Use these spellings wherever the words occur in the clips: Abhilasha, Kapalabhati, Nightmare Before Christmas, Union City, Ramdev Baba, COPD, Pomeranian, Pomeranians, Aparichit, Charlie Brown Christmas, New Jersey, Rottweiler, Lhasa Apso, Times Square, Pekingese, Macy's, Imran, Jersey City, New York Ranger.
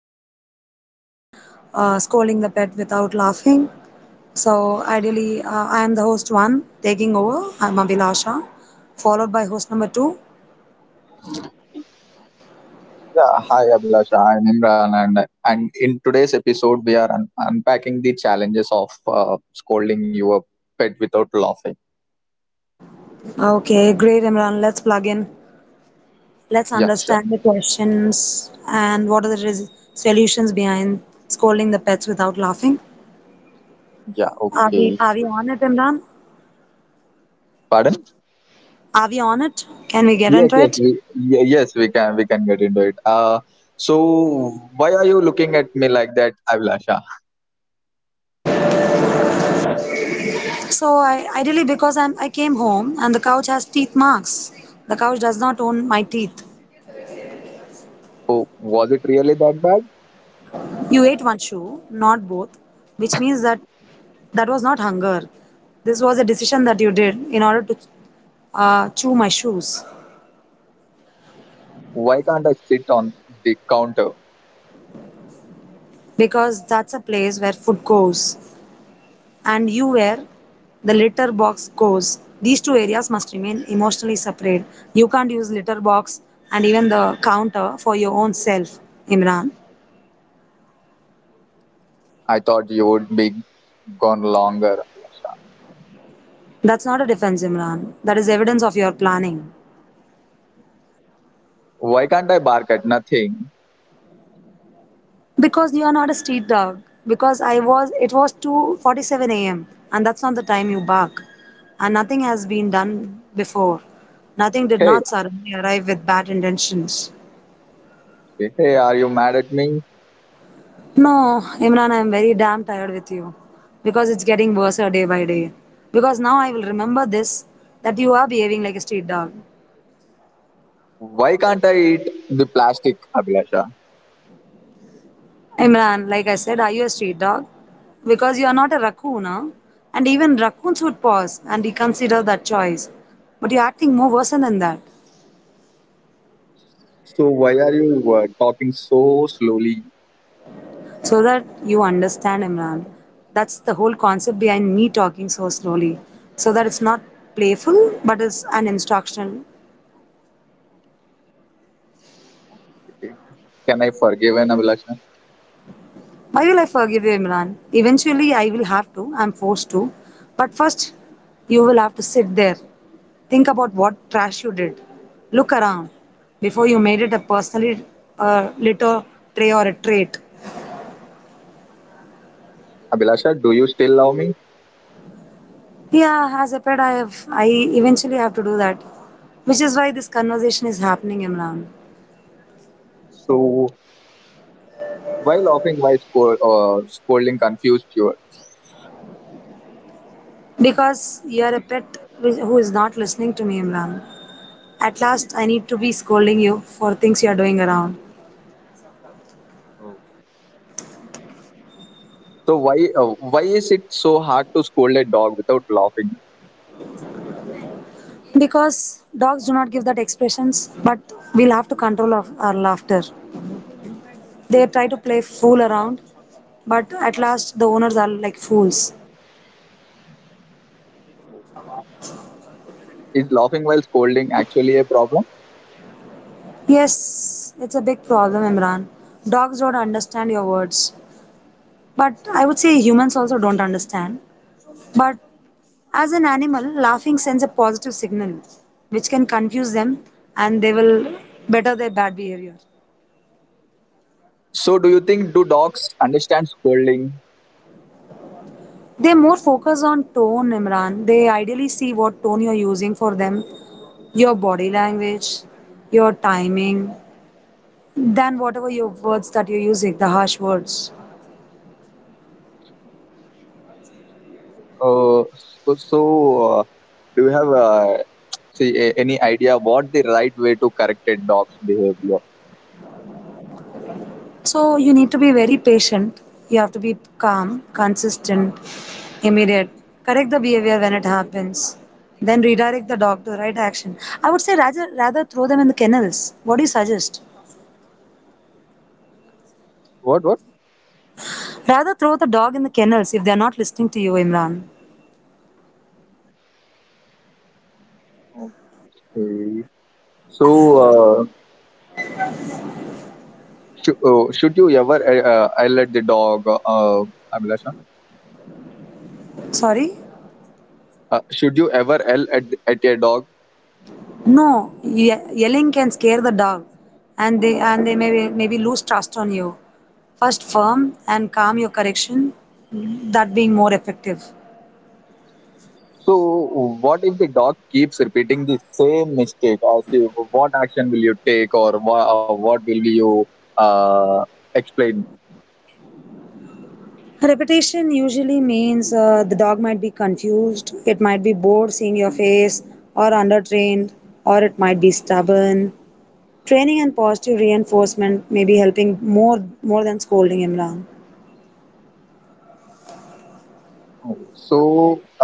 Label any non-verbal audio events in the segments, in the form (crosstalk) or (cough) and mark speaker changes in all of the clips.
Speaker 1: podcast is regarding scolding the pet without laughing. So ideally, I am the host one taking over. I'm Abhilasha, followed by host number two.
Speaker 2: Yeah, hi Abhilasha, I'm Imran, and in today's episode, we are unpacking the challenges of scolding your pet without laughing.
Speaker 1: Okay, great Imran. Let's plug in. Let's
Speaker 2: Yeah, sure.
Speaker 1: understand the questions and what are the solutions behind scolding the pets without laughing.
Speaker 2: Yeah,
Speaker 1: Are we
Speaker 2: okay.
Speaker 1: are we on it, Imran?
Speaker 2: Pardon?
Speaker 1: Are we on it? Can we get
Speaker 2: Yes,
Speaker 1: into
Speaker 2: yes,
Speaker 1: it?
Speaker 2: we, ye- yes, we can, we can get into it. So why are you looking at me like that, Abhilasha?
Speaker 1: So I ideally because I came home and the couch has teeth marks. The couch does not own my teeth.
Speaker 2: Oh, was it really that bad?
Speaker 1: You ate one shoe, not both, which means that that was not hunger. This was a decision that you did in order to chew my shoes
Speaker 2: Why can't I sit on the counter?
Speaker 1: because that's a place where food goes and you where the litter box goes. These two areas must remain emotionally separate. You can't use litter box and even the counter for your own self, Imran.
Speaker 2: I thought you would be gone longer.
Speaker 1: That's not a defense, Imran. That is evidence of your planning.
Speaker 2: Why can't I bark at nothing?
Speaker 1: Because you are not a street dog. Because I was it was 2:47 a.m. and that's not the time you bark. And nothing has been done before. Nothing did
Speaker 2: Hey,
Speaker 1: not suddenly arrive with bad intentions.
Speaker 2: hey, are you mad at me?
Speaker 1: No, Imran, I am very damn tired with you. Because it's getting worse day by day. Because now I will remember this that you are behaving like a street dog.
Speaker 2: Why can't I eat the plastic, Abhilasha?
Speaker 1: Imran, like I said, are you a street dog? Because you are not a raccoon, huh? And even raccoons would pause and reconsider that choice. But you're acting more worse than that.
Speaker 2: So why are you talking so slowly?
Speaker 1: So that you understand, Imran. That's the whole concept behind me talking so slowly. So that it's not playful, but it's an instructional.
Speaker 2: Okay. Can I forgive an Abhilasha?
Speaker 1: Why will I forgive you, Imran? Eventually, I will have to. I'm forced to. But first, you will have to sit there. Think about what trash you did. Look around before you made it a personally little tray or a trait.
Speaker 2: Abhilasha, do you still love me?
Speaker 1: Yeah, as a pet, I have. I eventually have to do that, which is why this conversation is happening, Imran.
Speaker 2: So why laughing? Why scolding? Confused you.
Speaker 1: Because you are a pet who is not listening to me, Imran. At last, I need to be scolding you for things you are doing around.
Speaker 2: Oh. So why is it so hard to scold a dog without laughing?
Speaker 1: Because dogs do not give that expressions, but we'll have to control our laughter. They try to play fool around, but at last the owners are like fools.
Speaker 2: Is laughing while scolding actually a problem?
Speaker 1: Yes, it's a big problem, Imran. Dogs don't understand your words. But I would say humans also don't understand. But as an animal, laughing sends a positive signal, which can confuse them and they will better their bad behavior.
Speaker 2: So do you think do dogs understand scolding?
Speaker 1: They more focus on tone, Imran. They ideally see what tone you're using for them, your body language, your timing, than whatever your words that you're using, the harsh words.
Speaker 2: Uh, so do you have any idea what the right way to correct a dog's behavior?
Speaker 1: So you need to be very patient. You have to be calm, consistent, immediate. Correct the behavior when it happens. Then redirect the dog to the right action. I would say rather throw them in the kennels. What do you suggest?
Speaker 2: What what?
Speaker 1: Rather throw the dog in the kennels if they're not listening to you, Imran.
Speaker 2: Okay. So uh, should you ever yell at the dog? Abhilasha?
Speaker 1: Sorry?
Speaker 2: Should you ever yell at a dog?
Speaker 1: No, yelling can scare the dog, and they may maybe lose trust on you. First, firm and calm your correction, that being more effective.
Speaker 2: So what if the dog keeps repeating the same mistake? As you, what action will you take, or what will you uh, explain?
Speaker 1: Repetition usually means the dog might be confused, it might be bored seeing your face, or undertrained, or it might be stubborn. Training and positive reinforcement may be helping more than scolding him down.
Speaker 2: So.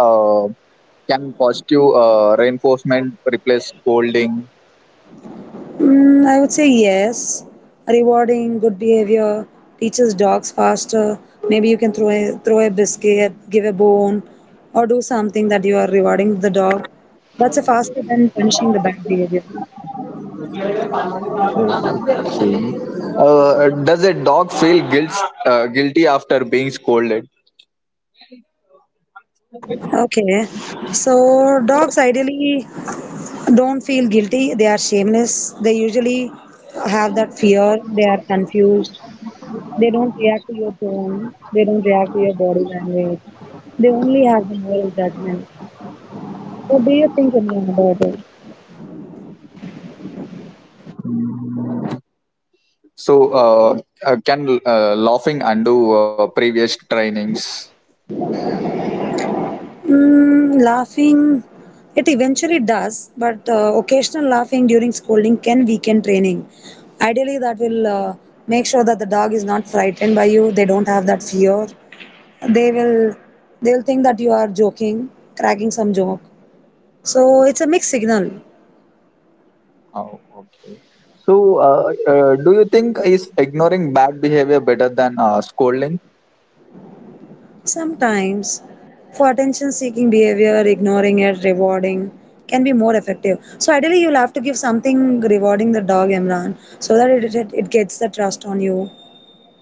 Speaker 2: Uh, Can positive reinforcement replace scolding?
Speaker 1: Mm, I would say yes. Rewarding good behavior teaches dogs faster. Maybe you can throw a biscuit, give a bone, or do something that you are rewarding the dog. That's a faster than punishing the bad behavior.
Speaker 2: Does a dog feel guilty after being scolded?
Speaker 1: Okay, so dogs ideally don't feel guilty. They are shameless. They usually have that fear. They are confused. They don't react to your tone. They don't react to your body language. They only have the moral judgment. What do you think, Anyan, about it?
Speaker 2: So can laughing undo previous trainings?
Speaker 1: Mm, laughing, it eventually does, but occasional laughing during scolding can weaken training. Ideally, that will make sure that the dog is not frightened by you. They don't have that fear. They will, they will think that you are joking, cracking some joke. So it's a mixed signal.
Speaker 2: Oh, okay. So do you think is ignoring bad behavior better than scolding?
Speaker 1: Sometimes, for attention seeking behavior, ignoring it, rewarding can be more effective. So, ideally, you'll have to give something rewarding the dog, Imran, so that it gets the trust on you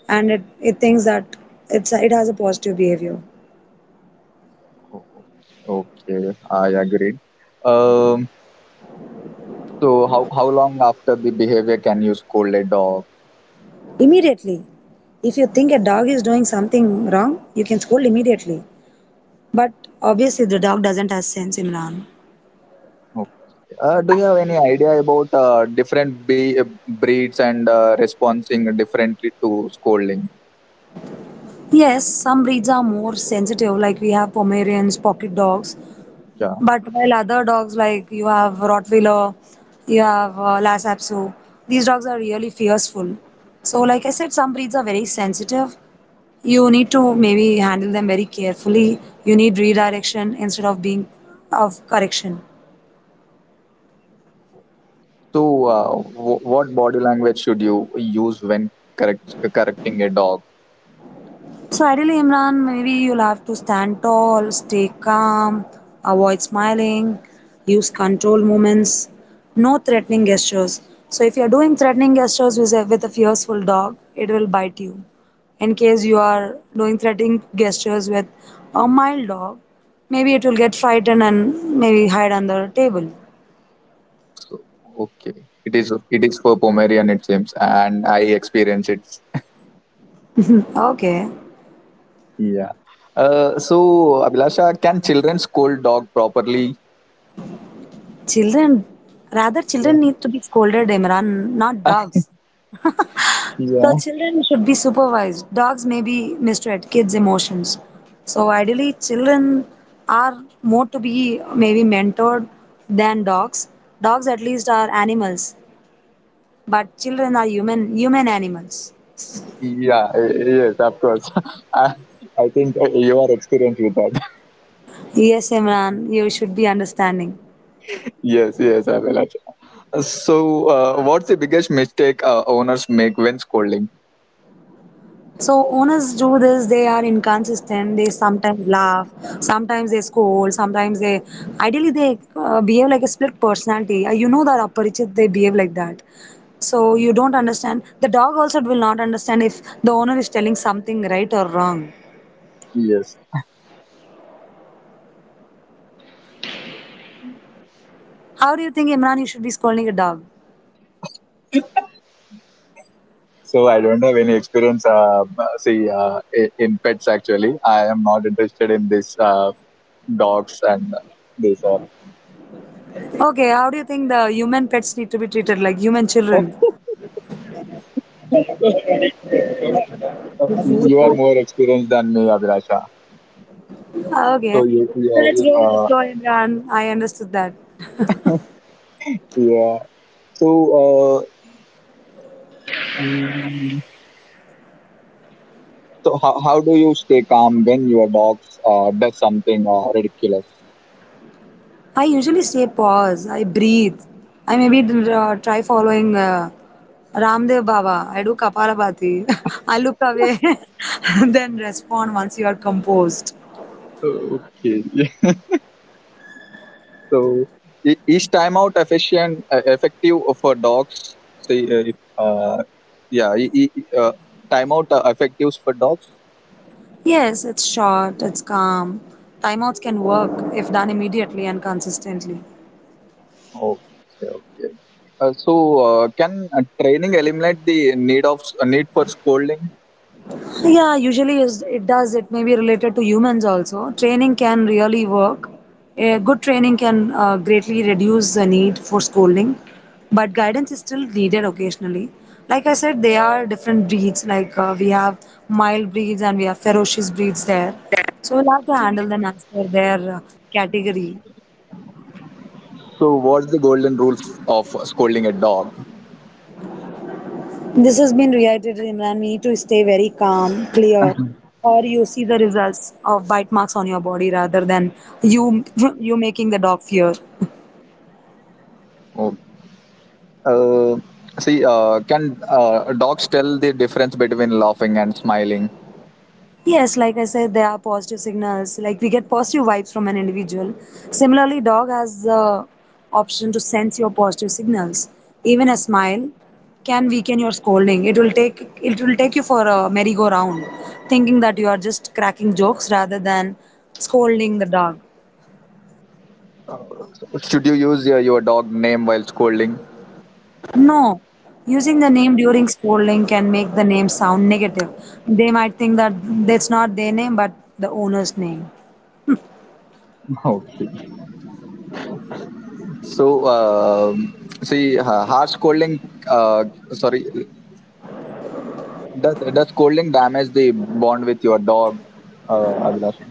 Speaker 1: and it thinks that it has a positive behavior.
Speaker 2: Oh, okay, I agree. Um, so how long after the behavior can you scold a dog?
Speaker 1: Immediately, if you think a dog is doing something wrong, you can scold immediately. But obviously, the dog doesn't have sense, Imran.
Speaker 2: Okay. Do you have any idea about different breeds and responding differently to scolding?
Speaker 1: Yes, some breeds are more sensitive, like we have Pomeranians, pocket dogs.
Speaker 2: Yeah.
Speaker 1: But while other dogs like you have Rottweiler, you have Lhasa Apso, these dogs are really fearful. So, like I said, some breeds are very sensitive. You need to maybe handle them very carefully. You need redirection instead of being of correction.
Speaker 2: So what body language should you use when correct correcting a dog?
Speaker 1: So ideally, Imran, maybe you'll have to stand tall, stay calm, avoid smiling, use controlled movements, no threatening gestures. So if you're doing threatening gestures with a fearful dog, it will bite you. In case you are doing threatening gestures with a mild dog, maybe it will get frightened and maybe hide under a table.
Speaker 2: So, okay, it is for Pomerian it seems, and I experience it.
Speaker 1: Okay.
Speaker 2: Yeah. So, Abhilasha, can children scold dog properly?
Speaker 1: Children, rather
Speaker 2: Yeah.
Speaker 1: children need to be scolded, Imran, not
Speaker 2: (laughs)
Speaker 1: dogs. (laughs) The
Speaker 2: yeah.
Speaker 1: children should be supervised. Dogs may be mistreat kids' emotions. So ideally, children are more to be maybe mentored than dogs. Dogs at least are animals, but children are human animals.
Speaker 2: Yeah. Yes, of course. (laughs) I, I think you are experienced with that.
Speaker 1: Yes, Imran, you should be understanding.
Speaker 2: Yes, yes, I will. So what's the biggest mistake owners make when scolding?
Speaker 1: So owners do this, they are inconsistent, they sometimes laugh, sometimes they scold, sometimes they, ideally they behave like a split personality. You know that Aparichit, they behave like that. So you don't understand. The dog also will not understand if the owner is telling something right or wrong.
Speaker 2: Yes.
Speaker 1: How do you think, Imran, you should be scolding a dog?
Speaker 2: So I don't have any experience. In pets actually, I am not interested in this dogs and this all.
Speaker 1: Okay, how do you think the human pets need to be treated like human children?
Speaker 2: (laughs) you are more experienced than me, Abhilasha. So
Speaker 1: Okay.
Speaker 2: you,
Speaker 1: So let's
Speaker 2: yeah,
Speaker 1: go with the
Speaker 2: uh,
Speaker 1: flow, Imran. I understood that.
Speaker 2: yeah. So uh, mm, So how do you stay calm when your dog does something ridiculous?
Speaker 1: I usually stay pause. I breathe. I maybe try following Ramdev Baba. I do Kapalabhati. (laughs) I look away, (laughs) then respond once you are composed.
Speaker 2: Oh, okay. (laughs) Yeah. So each timeout efficient effective for dogs. Say if, yeah, e- e- e, Timeout effectives for dogs.
Speaker 1: Yes, it's short, it's calm. Timeouts can work if done immediately and consistently.
Speaker 2: Okay, okay. Can training eliminate the need for scolding?
Speaker 1: Yeah, usually it does. It may be related to humans also. Training can really work. A good training can greatly reduce the need for scolding, but guidance is still needed occasionally. Like I said, there are different breeds. Like we have mild breeds and we have ferocious breeds there. So we'll have to handle them as per their category.
Speaker 2: So what's the golden rules of scolding a dog?
Speaker 1: This has been reiterated in and we need to stay very calm, clear,
Speaker 2: (laughs)
Speaker 1: or you see the results of bite marks on your body rather than you you making the dog fear.
Speaker 2: Okay. Uh, can dogs tell the difference between laughing and smiling?
Speaker 1: Yes, like I said, there are positive signals. Like we get positive vibes from an individual. Similarly, dog has the option to sense your positive signals. Even a smile can weaken your scolding. It will take you for a merry-go-round, thinking that you are just cracking jokes rather than scolding the dog.
Speaker 2: Should you use your dog name while scolding? (laughs)
Speaker 1: No, using the name during spelling can make the name sound negative. They might think that that's not their name, but the owner's name.
Speaker 2: Okay. So, see, harsh scolding, uh, sorry, Does scolding damage the bond with your dog, Abhilasha?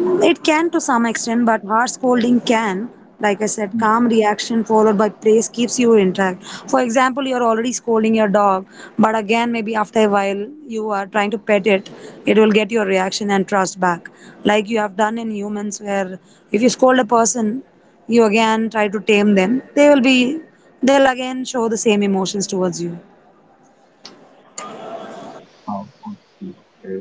Speaker 1: It can to some extent, but harsh scolding can, like I said, calm reaction followed by praise keeps you intact. For example, you're already scolding your dog, but again, maybe after a while, you are trying to pet it, it will get your reaction and trust back. Like you have done in humans, where if you scold a person, you again try to tame them, they'll again show the same emotions towards you.
Speaker 2: Oh, okay.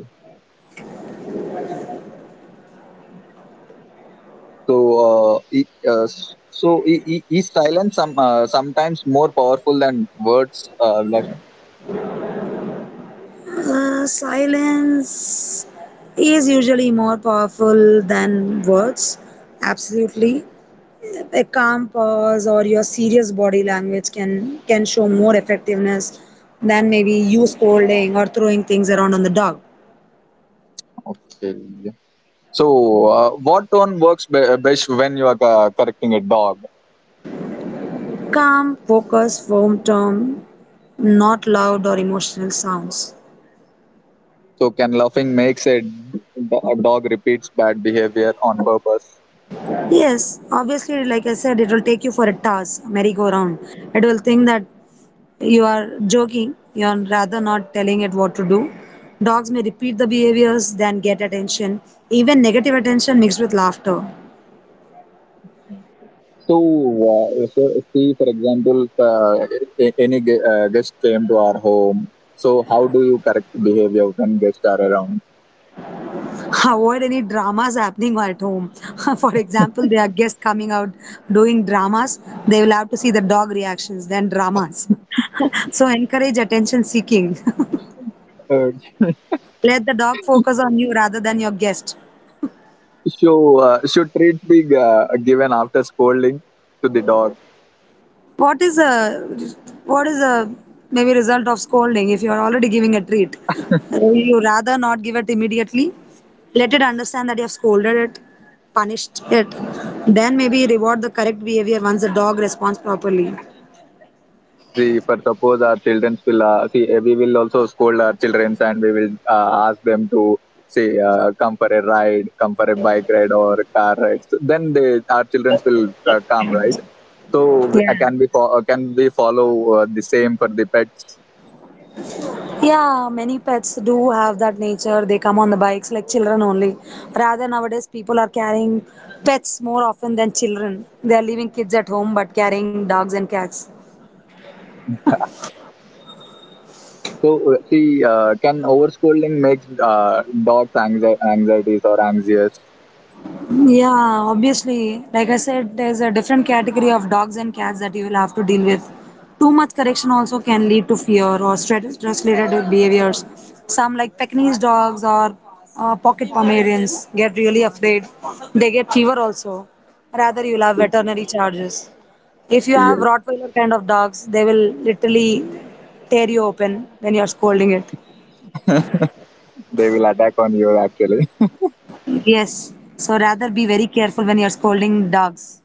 Speaker 1: Silence is usually more powerful than words. Absolutely. A calm pause or your serious body language can show more effectiveness than maybe you scolding or throwing things around on the dog. Calm, focused, firm tone, not loud or emotional sounds. Yes, obviously, like I said, it will take you for a toss, merry-go-round. It will think that you are joking, you are rather not telling it what to do. Dogs may repeat the behaviors, then get attention, even negative attention mixed with laughter. (laughs) Avoid any dramas happening at home. (laughs) For example, there are guests coming out doing dramas, they will have to see the dog reactions, then dramas. (laughs) So encourage attention seeking. (laughs) Let the dog focus on you rather than your guest. What is a what is a maybe result of scolding if you are already giving a treat? Will you rather not give it immediately? Let it understand that you have scolded it, punished it. Then maybe reward the correct behavior once the dog responds properly. Yeah. Yeah, many pets do have that nature. They come on the bikes like children only. Rather nowadays, people are carrying pets more often than children. They are leaving kids at home but carrying dogs and cats. Yeah, obviously, like I said, there's a different category of dogs and cats that you will have to deal with. Too much correction also can lead to fear or stress-related behaviors. Some like Pekingese dogs or pocket Pomeranians get really afraid. They get fever also. Rather, you'll have veterinary charges. If you have Rottweiler kind of dogs, they will literally tear you open when you're scolding it. Yes. So rather be very careful when you're scolding dogs.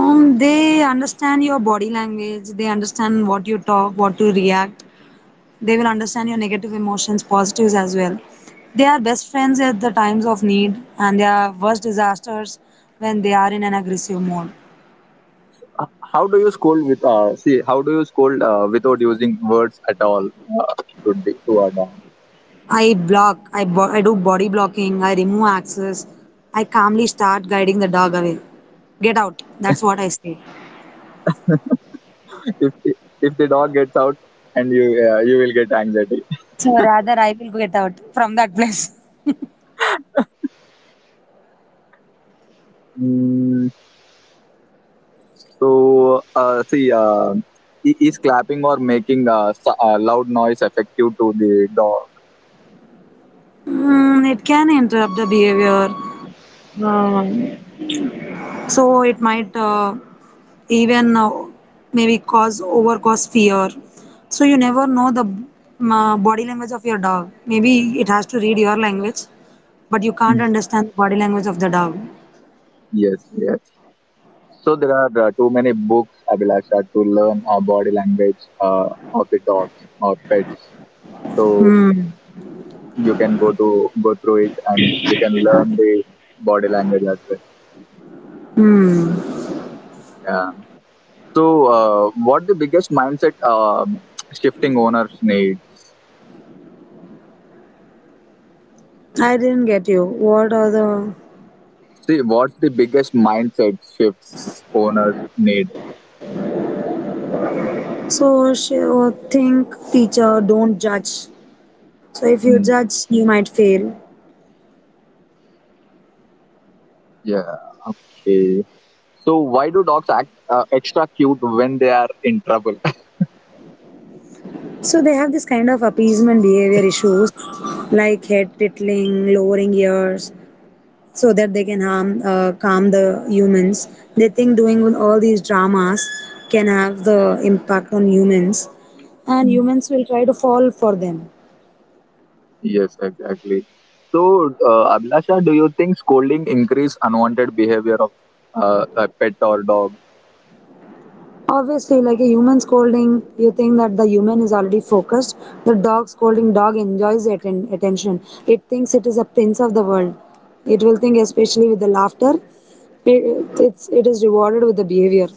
Speaker 1: They understand your body language, they understand what you talk, what to react. They will understand your negative emotions, positives as well. They are best friends at the times of need and they are worst disasters when they are in an aggressive mode. I do body blocking, I remove access, I calmly start guiding the dog away. Get out, that's what I say. So rather, I will get out from that place. Mm, it can interrupt the behavior. Uh, So it might even Maybe cause fear. So you never know the body language of your dog. Maybe it has to read your language, but you can't understand the body language of the dog. Hmm. Hmm. I didn't get you. What are the so she oh, think teacher don't judge. So if you judge, you might fail. So they have this kind of appeasement behavior issues, like head tittling, lowering ears, so that they can harm calm the humans. They think doing all these dramas can have the impact on humans, and humans will try to fall for them. Obviously, like a human scolding, you think that the human is already focused. The dog scolding, dog enjoys the attention. It thinks it is a prince of the world. It will think, especially with the laughter, it is rewarded with the behavior.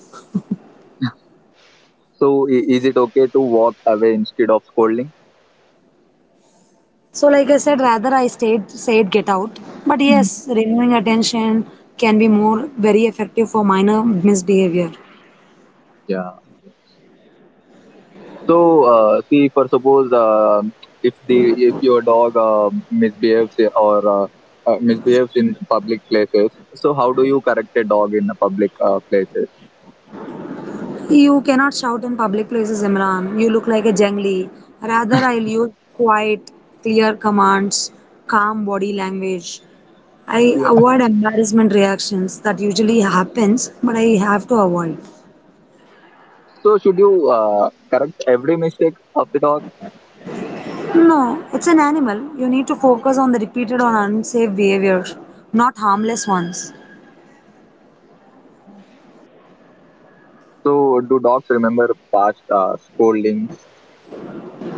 Speaker 1: So, like I said, rather I stayed, said get out. But yes, removing attention can be more very effective for minor misbehavior. You cannot shout in public places, Imran. You look like a jungli. Rather, I'll use quiet, clear commands, calm body language. I avoid embarrassment reactions that usually happens, but I have to avoid. No, it's an animal. You need to focus on the repeated or unsafe behaviors, not harmless ones.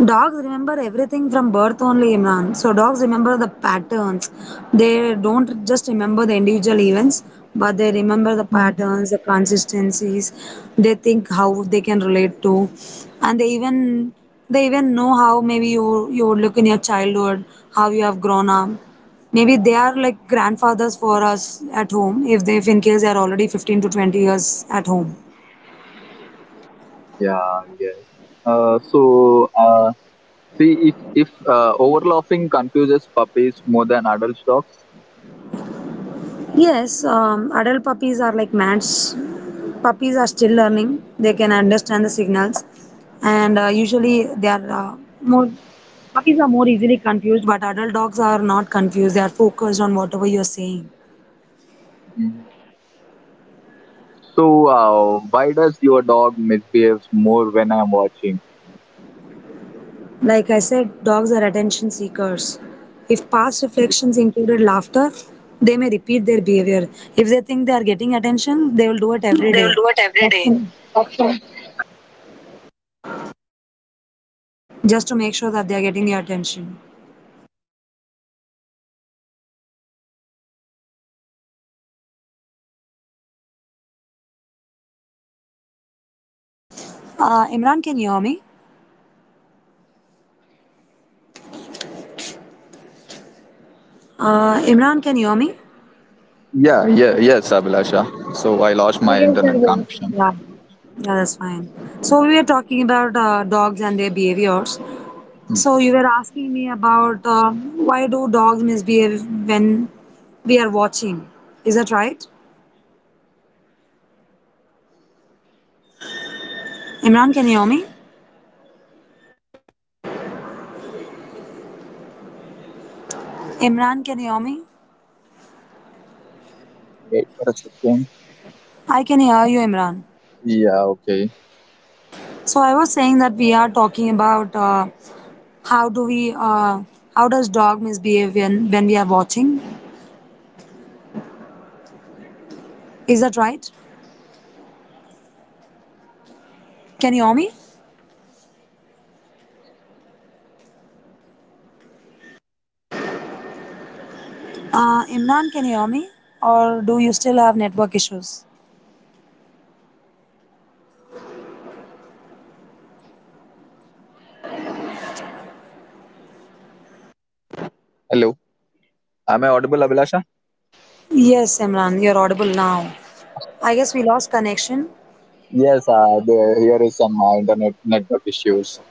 Speaker 1: Dogs remember everything from birth only, Imran. So dogs remember the patterns. They don't just remember the individual events, but they remember the patterns, the consistencies. They think how they can relate to, and they even know how maybe you would look in your childhood, how you have grown up. Maybe they are like grandfathers for us at home if in case they are already 15 to 20 years at home. Yes, adult puppies are like mats. Puppies are still learning. They can understand the signals, and usually they are more. Puppies are more easily confused, but adult dogs are not confused. They are focused on whatever you are saying. Like I said, dogs are attention seekers. If past reflections included laughter, they may repeat their behavior. If they think they are getting attention, they will do it every day just to make sure that they are getting your attention. Imran, can you hear me? Imran, can you hear me?
Speaker 2: Yeah, yeah, yes, Abhilasha. So I lost my internet connection.
Speaker 1: Yeah, that's fine. So we were talking about dogs and their behaviors.
Speaker 2: Hmm.
Speaker 1: So you were asking me about why do dogs misbehave when we are watching? Is that right? Imran, can you hear me? Imran, can you hear me?
Speaker 2: Wait for a second.
Speaker 1: I can hear you, Imran.
Speaker 2: Yeah, okay.
Speaker 1: So I was saying that we are talking about how do we, uh, how does dog misbehave when we are watching? Is that right? Can you hear me? Imran, can you hear me? Or do you still have network issues?
Speaker 2: Hello. Am I audible, Abhilasha?
Speaker 1: Yes, Imran, you're audible now. I guess we lost connection.
Speaker 2: Yes, here is some internet network issues.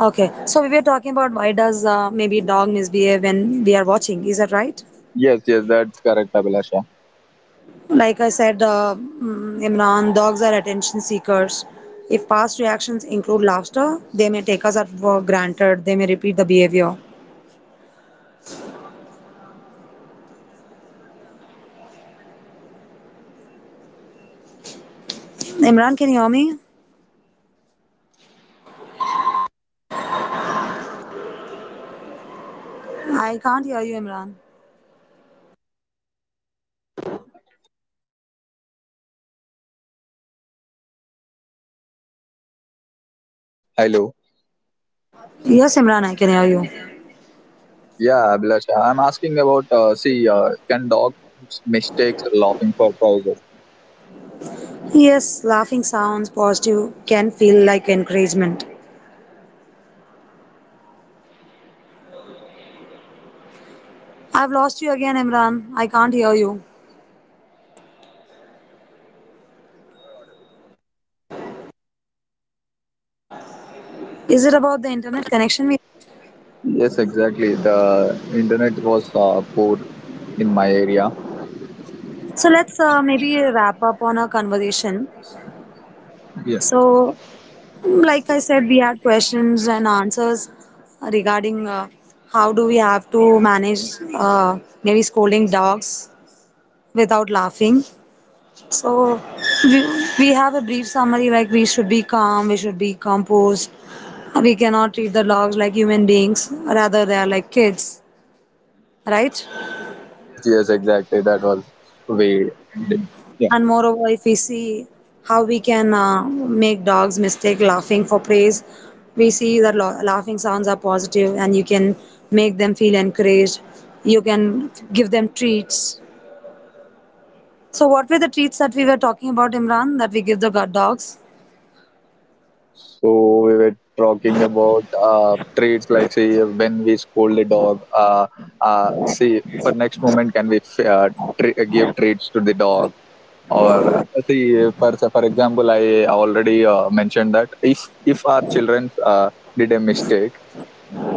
Speaker 1: Okay, so we were talking about why does maybe dog misbehave when we are watching? Is that right?
Speaker 2: Yes, yes, that's correct, Abhilasha.
Speaker 1: Like I said, Imran, dogs are attention seekers. If past reactions include laughter, they may take us at for granted. They may repeat the behavior. Imran, can you hear me? I can't hear you, Imran.
Speaker 2: Hello.
Speaker 1: Yes, Imran, I can hear you.
Speaker 2: Yeah, Abhilasha. I'm asking about, can dogs mistakes laughing for prizes?
Speaker 1: Yes, laughing sounds positive can feel like encouragement. I've lost you again, Imran. I can't hear you. Is it about the internet connection? We
Speaker 2: Yes, exactly. The internet was poor in my area.
Speaker 1: so let's maybe wrap up on our conversation.
Speaker 2: Yeah.
Speaker 1: So, like I said, we had questions and answers regarding how do we have to manage maybe scolding dogs without laughing. So, we have a brief summary like we should be calm, we should be composed. We cannot treat the dogs like human beings, rather, they are like kids, right?
Speaker 2: Yes, yes, exactly. That was we did.
Speaker 1: And moreover, if we see how we can make dogs mistake laughing for praise, we see that laughing sounds are positive and you can make them feel encouraged. You can give them treats. So, what were the treats that we were talking about, Imran, that we give the dogs?
Speaker 2: So we were talking about traits like say when we scold the dog. See for next moment can we give traits to the dog or see for example I already mentioned that if our children did a mistake,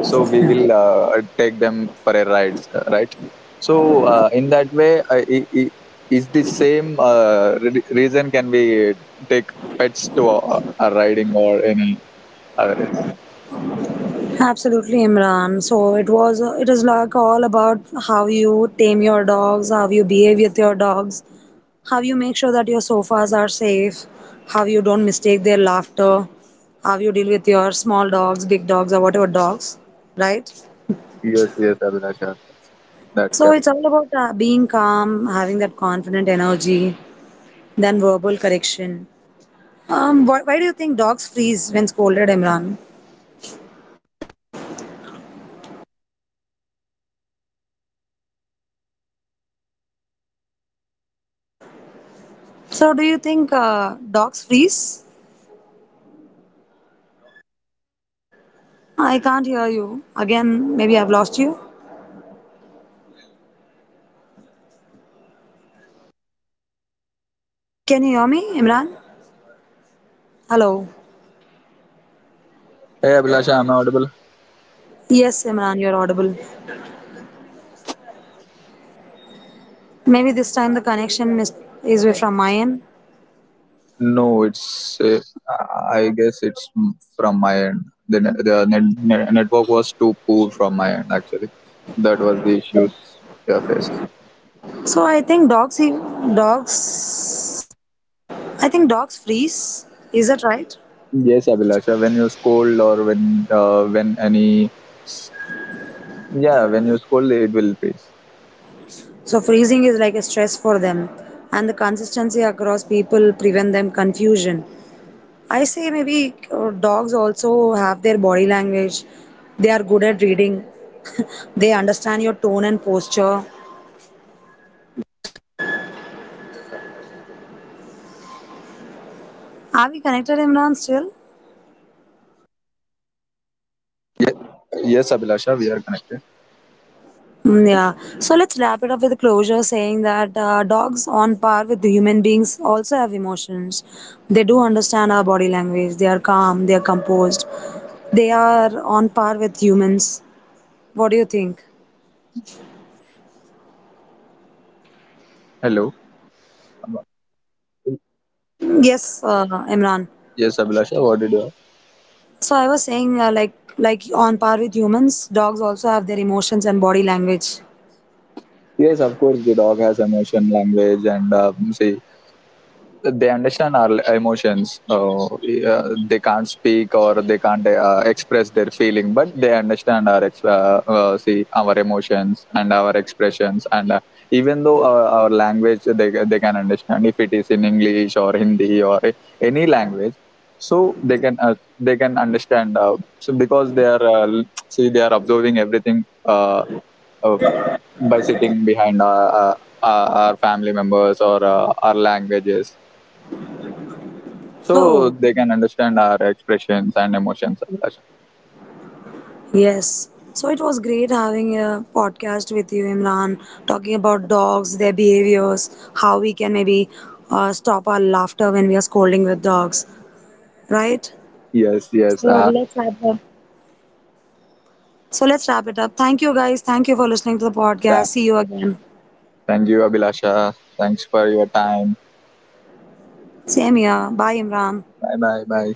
Speaker 2: so we will take them for a ride, right? So in that way, is the same reason can we take pets to a riding or any Average.
Speaker 1: Absolutely, Imran. So it is like all about how you tame your dogs, how you behave with your dogs, how you make sure that your sofas are safe, how you don't mistake their laughter, how you deal with your small dogs, big dogs, or whatever dogs, right?
Speaker 2: Yes, yes, Abhilash Average. That's
Speaker 1: So it's
Speaker 2: correct.
Speaker 1: all about being calm, having that confident energy, then verbal correction. Why do you think dogs freeze when scolded, Imran? So do you think dogs freeze? I can't hear you. Again, maybe I've lost you. Can you hear me, Imran? Hello.
Speaker 2: Hey Abhilasha, I'm not audible.
Speaker 1: Yes, Imran, you're audible. Maybe this time is way from my end.
Speaker 2: No, it's I guess it's from my end. The network was too poor from my end actually. That was the issues we are facing.
Speaker 1: So I think dogs, I think dogs freeze. Is that right?
Speaker 2: Yes, Abhilasha, when you scold or when any yeah when you scold it will freeze.
Speaker 1: So freezing is like a stress for them, and the consistency across people prevent them confusion. I say maybe dogs also have their body language. They are good at reading. (laughs) They understand your tone and posture. Are we connected, Imran, still?
Speaker 2: Yes, Abhilasha, we are connected.
Speaker 1: Mm, yeah. So let's wrap it up with a closure saying that dogs, on par with the human beings, also have emotions. They do understand our body language. They are calm, they are composed. They are on par with humans. What do you think?
Speaker 2: Hello.
Speaker 1: Yes, Imran.
Speaker 2: Yes, Abhilasha, what did you?
Speaker 1: So I was saying, like on par with humans, dogs also have their emotions and body language.
Speaker 2: Yes, of course, the dog has emotion, language, and say they understand our emotions yeah, they can't speak or they can't express their feeling but they understand our ex- see our emotions and our expressions and even though our language they can understand if it is in English or Hindi or any language so they can, they can understand so because they are l- see they are observing everything uh, by sitting behind our family members or our languages so
Speaker 1: Oh,
Speaker 2: they can understand our expressions and emotions, Abhilasha.
Speaker 1: yes. So it was great having a podcast with you, Imran, talking about dogs, their behaviors, how we can maybe stop our laughter when we are scolding with dogs, right?
Speaker 2: yes yes
Speaker 1: So
Speaker 2: uh,
Speaker 1: let's wrap the So let's wrap it up. Thank you, guys. Thank you for listening to the podcast.
Speaker 2: thank,
Speaker 1: See you again.
Speaker 2: thank you Abhilasha, thanks for your time.
Speaker 1: Same here. Bye, Imran.
Speaker 2: Bye, bye, bye.